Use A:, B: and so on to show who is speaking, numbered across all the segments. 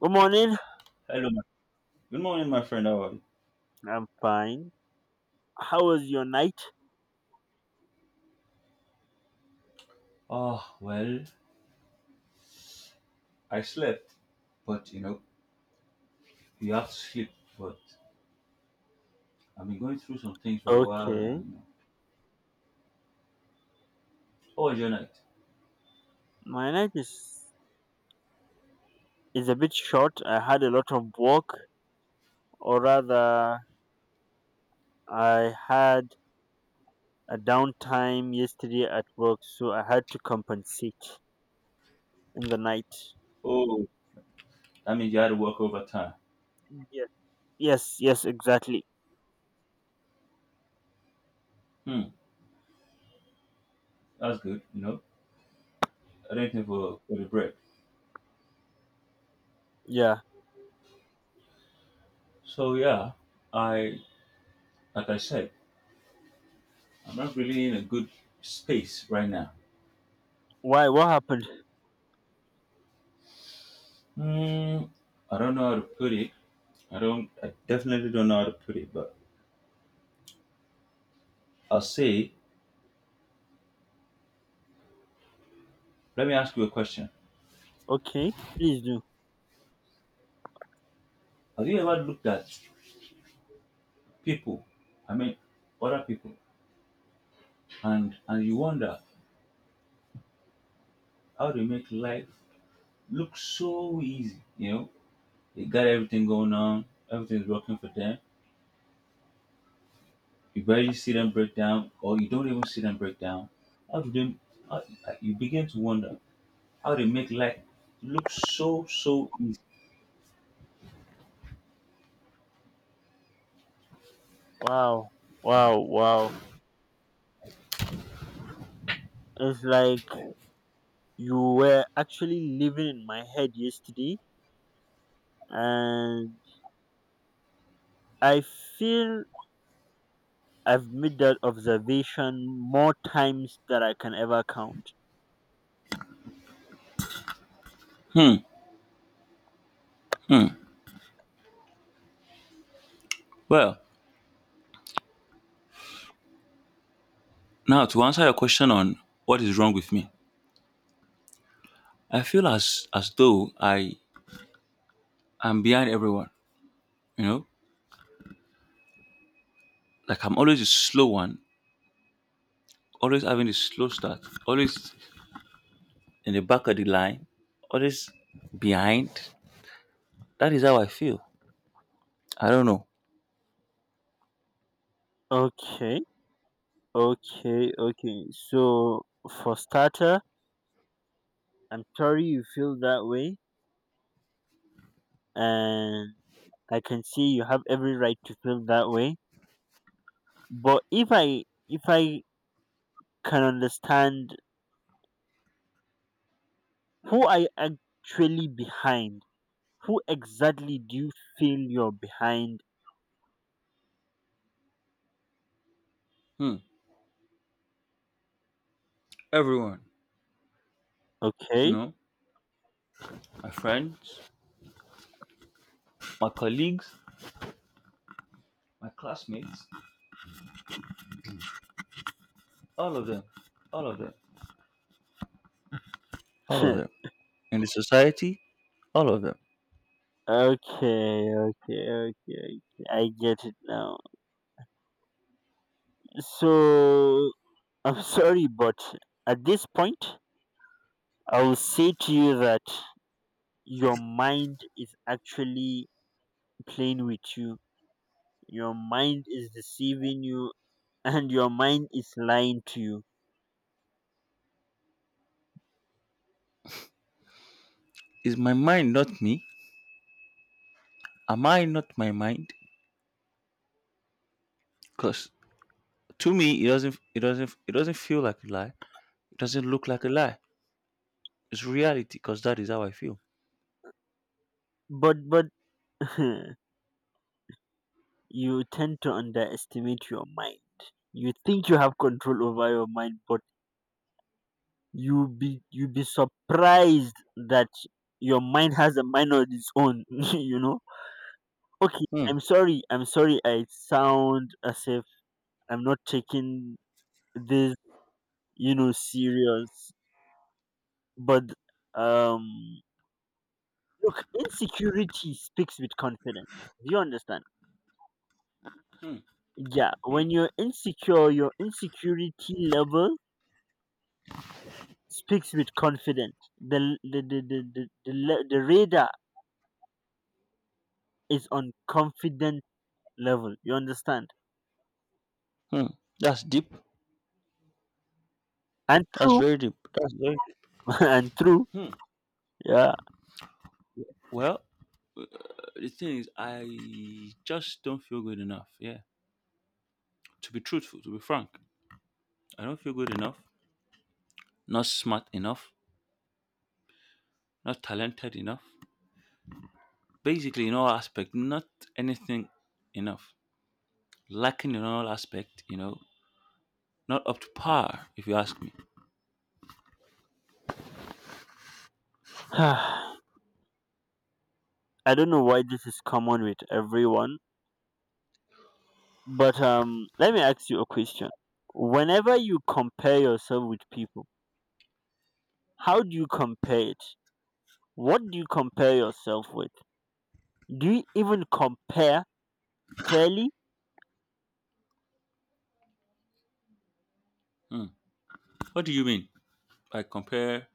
A: Good morning.
B: Hello, good morning, my friend. How are you?
A: I'm fine. How was your night?
B: Oh well, I slept, but you know, you have to sleep. But I've been going through some things for a while now.
A: Okay.
B: You know, how was your night?
A: My night is a bit short. I had a lot of work, or rather, I had a downtime yesterday at work, so I had to compensate in the night.
B: Oh, that means you had to work overtime.
A: Yes. Yes. Yes. Exactly.
B: Hmm, that's good. You know, I didn't think for the break.
A: Yeah.
B: So yeah, I like I said, I'm not really in a good space right now.
A: Why? What happened?
B: Hmm, I don't know how to put it. I don't. I definitely don't know how to put it. But I'll say. Let me ask you a question.
A: Okay. Please do.
B: Have you ever looked at people i mean other people and you wonder how they make life look so easy, you know, they got everything going on, everything's working for them, you barely see them break down, or you don't even see them break down. How do they how, You begin to wonder how they make life look so easy.
A: Wow. Wow. Wow. It's like you were actually living in my head yesterday, and I feel I've made that observation more times than I can ever count.
B: hmm, hmm. Well, now to answer your question on what is wrong with me, I feel as though I am behind everyone, you know, like I'm always the slow one, always having a slow start, always in the back of the line, always behind. That is how I feel. I don't know.
A: Okay, okay, okay. So, for starter, I'm sorry you feel that way, and I can see you have every right to feel that way. But if I can understand who I actually behind, who exactly do you feel you're behind?
B: Hmm. Everyone, you
A: Okay,
B: know, my friends, my colleagues, my classmates, all of them, all of them, all of
A: okay,
B: them. In the society, all of them.
A: okay, okay, okay. I get it now. So I'm sorry, but at this point, I will say to you that your mind is actually playing with you. Your mind is deceiving you, and your mind is lying to you.
B: Is my mind not me? Am I not my mind? Because to me, it doesn't feel like a lie. It doesn't look like a lie. It's reality. Because that is how I feel.
A: But you tend to underestimate your mind. You think you have control over your mind, but you be surprised that your mind has a mind of its own. You know. Okay,
B: Hmm.
A: I'm sorry. I'm sorry. I sound as if I'm not taking this, you know, serious. But um, look, insecurity speaks with confidence. Do you understand?
B: Hmm.
A: Yeah,
B: Hmm.
A: when you're insecure, your insecurity level speaks with confidence. The radar is on confident level. You understand?
B: Hmm. That's deep.
A: And
B: That's
A: true,
B: very deep. That's very
A: and true.
B: Hmm.
A: Yeah.
B: Well, uh, the thing is, I just don't feel good enough. Yeah. To be truthful, to be frank, I don't feel good enough, not smart enough, not talented enough. Basically, in all aspect, not anything enough. Lacking in all aspect, you know, not up to par, if you ask me.
A: I don't know why this is common with everyone. But let me ask you a question. Whenever you compare yourself with people, how do you compare it? What do you compare yourself with? Do you even compare fairly?
B: Hmm. What do you mean by compare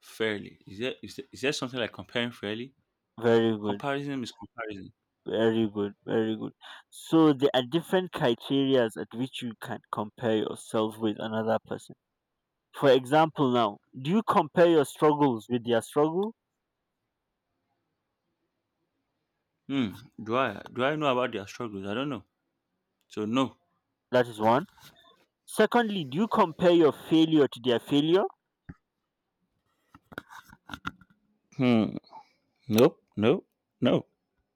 B: fairly? Is there something like comparing fairly?
A: Very good,
B: Comparison is comparison.
A: very good, very good. So there are different criteria at which you can compare yourself with another person. For example, now, do you compare your struggles with their struggle?
B: Hmm. Do I know about their struggles? I don't know. So no.
A: That is one. Secondly, do you compare your failure to their failure?
B: Hmm. Nope. Nope. No.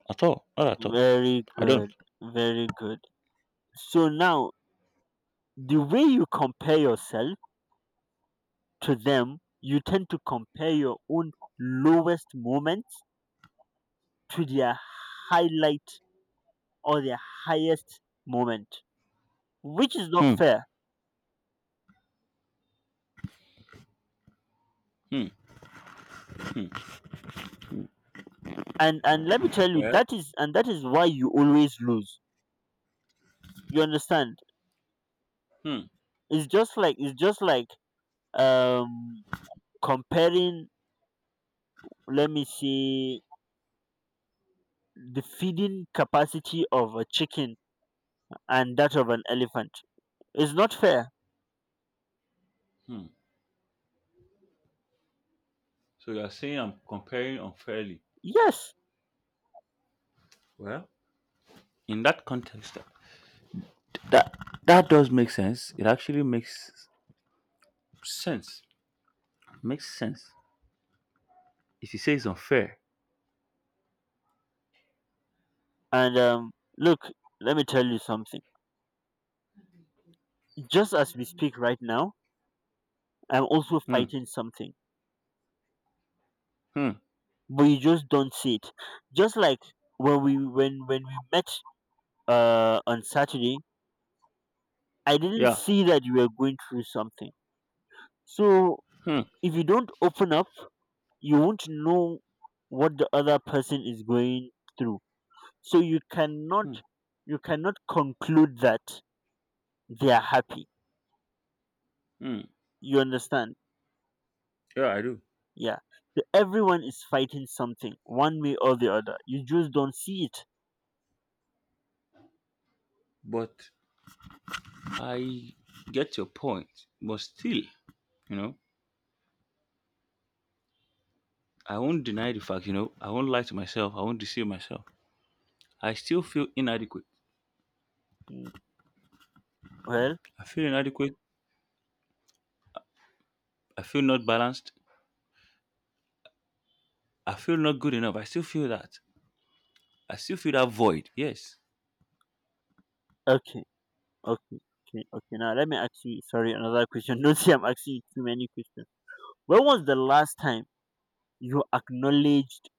B: At all. Not at all.
A: Very
B: I don't.
A: good, very good. So now, the way you compare yourself to them, you tend to compare your own lowest moments to their highlight or their highest moment, which is not
B: Hmm.
A: fair.
B: Hmm. Hmm.
A: And let me tell you,
B: Well.
A: that is and that is why you always lose. You understand?
B: Hmm.
A: It's just like um comparing. Let me see the feeding capacity of a chicken and that of an elephant. It's not fair.
B: Hmm. So you're saying I'm comparing unfairly.
A: Yes.
B: Well, in that context, that, that does make sense. It actually makes sense. Makes sense. If you say it's unfair.
A: And look, let me tell you something. Just as we speak right now, I'm also
B: Hmm.
A: fighting something,
B: Hmm.
A: but you just don't see it. Just like when we met on Saturday, I didn't
B: Yeah.
A: see that you were going through something. So
B: Hmm.
A: if you don't open up, you won't know what the other person is going through. So you cannot
B: Hmm.
A: you cannot conclude that they are happy.
B: Hmm.
A: You understand?
B: Yeah, I do.
A: Yeah. So everyone is fighting something one way or the other. You just don't see it.
B: But I get your point. But still, you know. I won't deny the fact, you know, I won't lie to myself, I won't deceive myself. I still feel inadequate.
A: Mm. Well,
B: I feel inadequate. I feel not balanced. I feel not good enough. I still feel that. I still feel that void. Yes.
A: okay, okay, okay, okay. Now let me ask you, sorry, another question. Don't see I'm asking you too many questions. When was the last time you acknowledged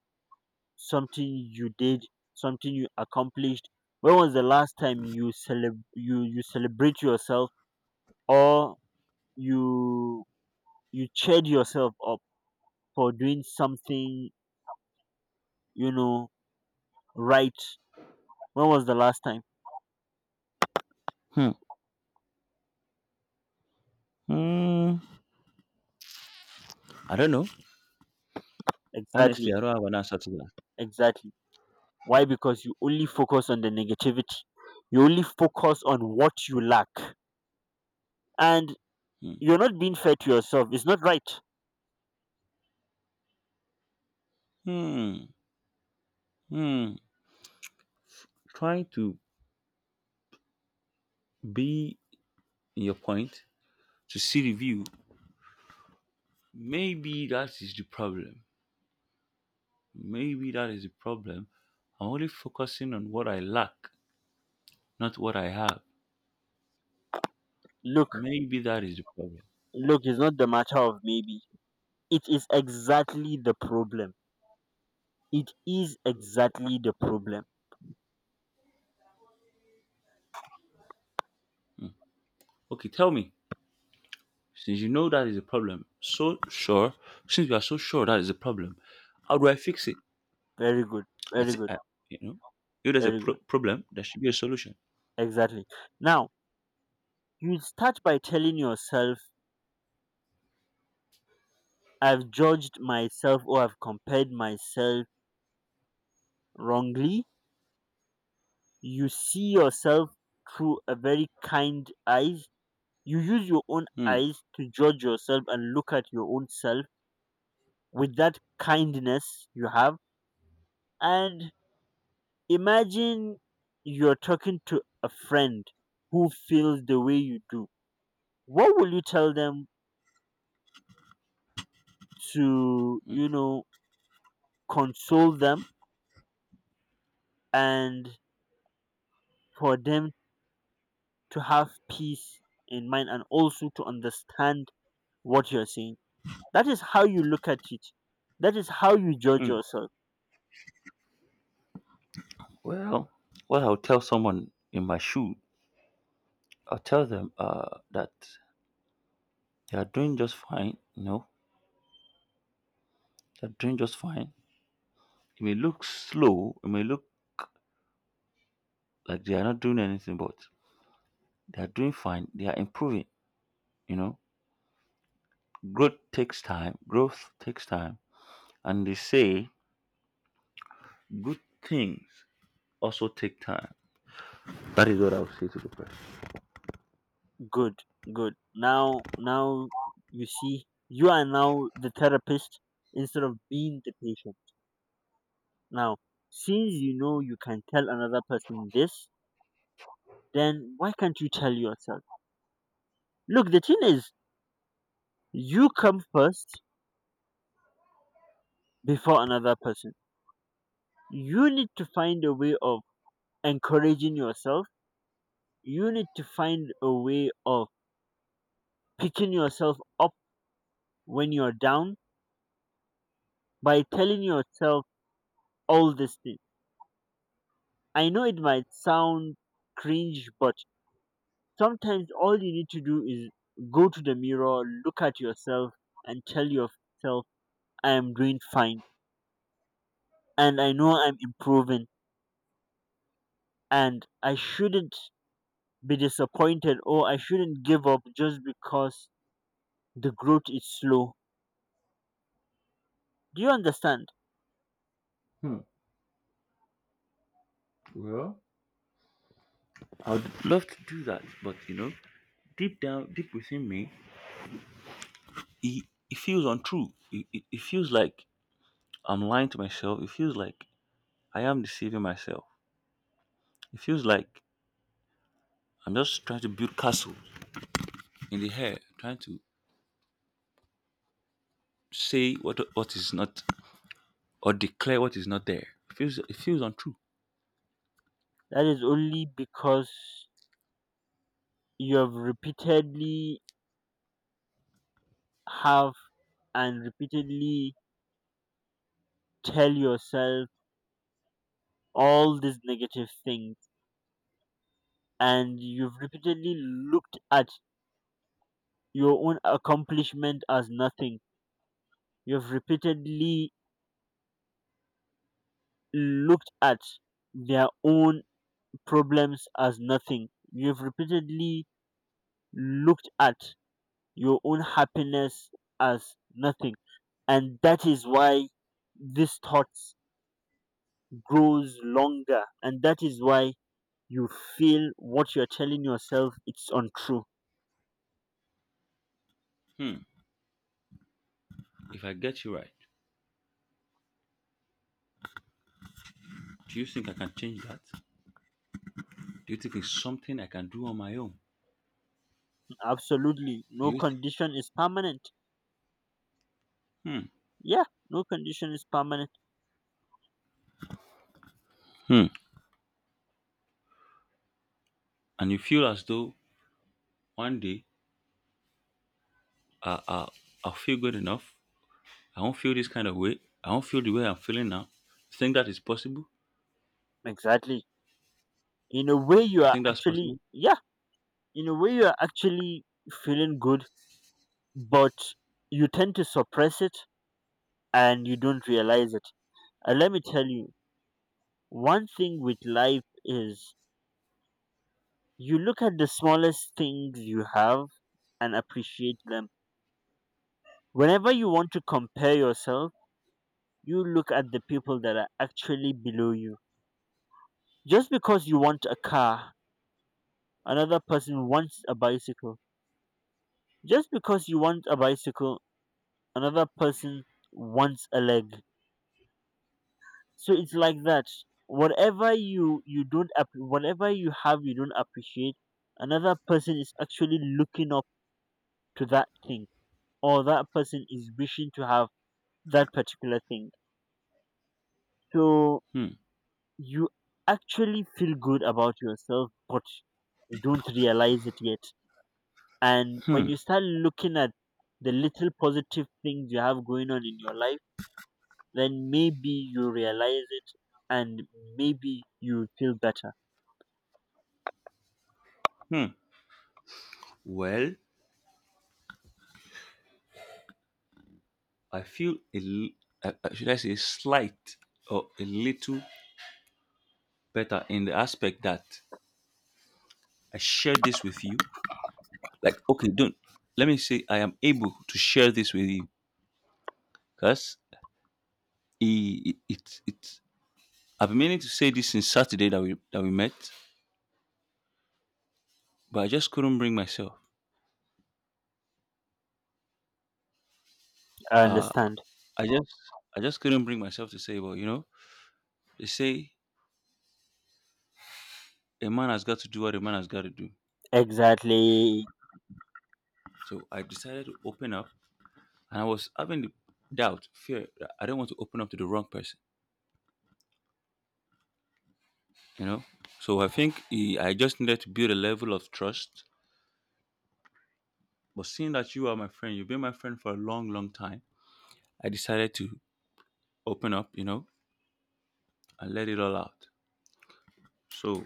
A: something you did, something you accomplished? When was the last time you you celebrate yourself or you you cheered yourself up for doing something, you know, right? When was the last time?
B: Hmm. Hmm. I don't know. Honestly, I
A: Exactly,
B: don't have an answer to that.
A: exactly. Why? Because you only focus on the negativity. You only focus on what you lack. And
B: Hmm.
A: you're not being fair to yourself. It's not right.
B: Hmm. Hmm. Trying to be in your point to see the view. Maybe that is the problem. Maybe that is the problem. I'm only focusing on what I lack, not what I have.
A: Look,
B: Maybe that is the problem.
A: look, it's not the matter of maybe. It is exactly the problem. It is exactly the problem.
B: Okay, tell me, since you know that is a problem, so sure, since you are so sure that is a problem, how do I fix it?
A: Very good,
B: I
A: very
B: think,
A: good,
B: I, you know, if there's a
A: very good.
B: problem, there should be a solution.
A: Exactly. Now, you start by telling yourself, I've judged myself or I've compared myself wrongly. You see yourself through a very kind eyes. You use your own
B: Hmm.
A: eyes to judge yourself and look at your own self with that kindness you have, and imagine you're talking to a friend who feels the way you do. What will you tell them to, you know, console them and for them to have peace in mind and also to understand what you're saying? That is how you look at it. That is how you judge
B: hmm.
A: yourself.
B: Well, what I'll tell someone in my shoe, I'll tell them that they are doing just fine. You know, they're doing just fine. It may look slow, it may look like they are not doing anything, but they are doing fine. They are improving. You know, growth takes time. Growth takes time. And they say good things also take time. That is what I would say to the person.
A: Good, good. Now, now you see, you are now the therapist instead of being the patient. Now, since you know you can tell another person this, then why can't you tell yourself? Look, the thing is, you come first before another person. You need to find a way of encouraging yourself. You need to find a way of picking yourself up when you're down by telling yourself all these things. I know it might sound cringe, but sometimes all you need to do is go to the mirror, look at yourself, and tell yourself, I am doing fine, and I know I'm improving, and I shouldn't be disappointed or I shouldn't give up just because the growth is slow. Do you understand?
B: Hmm. Well, I would love to do that, but you know, deep down, deep within me, it, it feels untrue. It feels like I'm lying to myself. It feels like I am deceiving myself. It feels like I'm just trying to build castles in the air, trying to say what is not, or declare what is not there. It feels untrue.
A: That is only because you have repeatedly have and repeatedly tell yourself all these negative things, and you've repeatedly looked at your own accomplishment as nothing, you've repeatedly looked at their own problems as nothing, you've repeatedly looked at your own happiness as nothing, and that is why this thought grows longer, and that is why you feel what you're telling yourself it's untrue.
B: Hmm. If I get you right. Do you think I can change that? Do you think it's something I can do on my own?
A: Absolutely,
B: Do
A: no
B: you
A: condition is permanent.
B: think?
A: Yeah, no condition is permanent.
B: Hmm. And you feel as though one day I, I, I'll feel good enough. I won't feel this kind of way. I won't feel the way I'm feeling now. You think that is possible?
A: Exactly. In a way, you
B: You
A: are
B: think that's
A: actually,
B: possible?
A: yeah, in a way, you are actually feeling good, but you tend to suppress it and you don't realize it. And let me tell you, one thing with life is you look at the smallest things you have and appreciate them. Whenever you want to compare yourself, you look at the people that are actually below you. Just because you want a car, another person wants a bicycle. Just because you want a bicycle, another person wants a leg. So it's like that. Whatever you have you don't appreciate, another person is actually looking up to that thing, or that person is wishing to have that particular thing. So
B: Hmm.
A: you actually feel good about yourself, but you don't realize it yet. And when
B: Hmm.
A: you start looking at the little positive things you have going on in your life, then maybe you realize it and maybe you feel better.
B: Hmm. Well, I feel should I say slight or a little better in the aspect that I share this with you. Like, okay, don't, let me say I am able to share this with you. Because He, it, it, I've been meaning to say this since Saturday that we met, but I just couldn't bring myself.
A: I understand.
B: I just I just couldn't bring myself to say, well, you know, they say a man has got to do what a man has got to do.
A: Exactly.
B: So I decided to open up, and I was having the doubt, fear, that I don't want to open up to the wrong person, you know. So I think I just needed to build a level of trust. But seeing that you are my friend, you've been my friend for a long, long time. I decided to open up, you know, and let it all out. So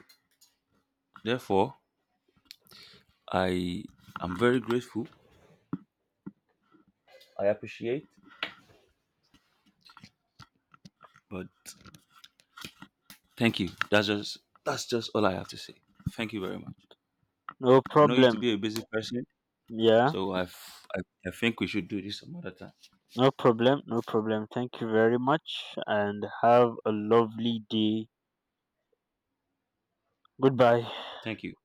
B: therefore, I am very grateful. I appreciate, but thank you. That's just all I have to say. Thank you very much.
A: No
B: I know you to
A: problem.
B: be a busy person,
A: Yeah.
B: so I f- I think we should do this some other time.
A: No problem. No problem. Thank you very much and have a lovely day. Goodbye.
B: Thank you.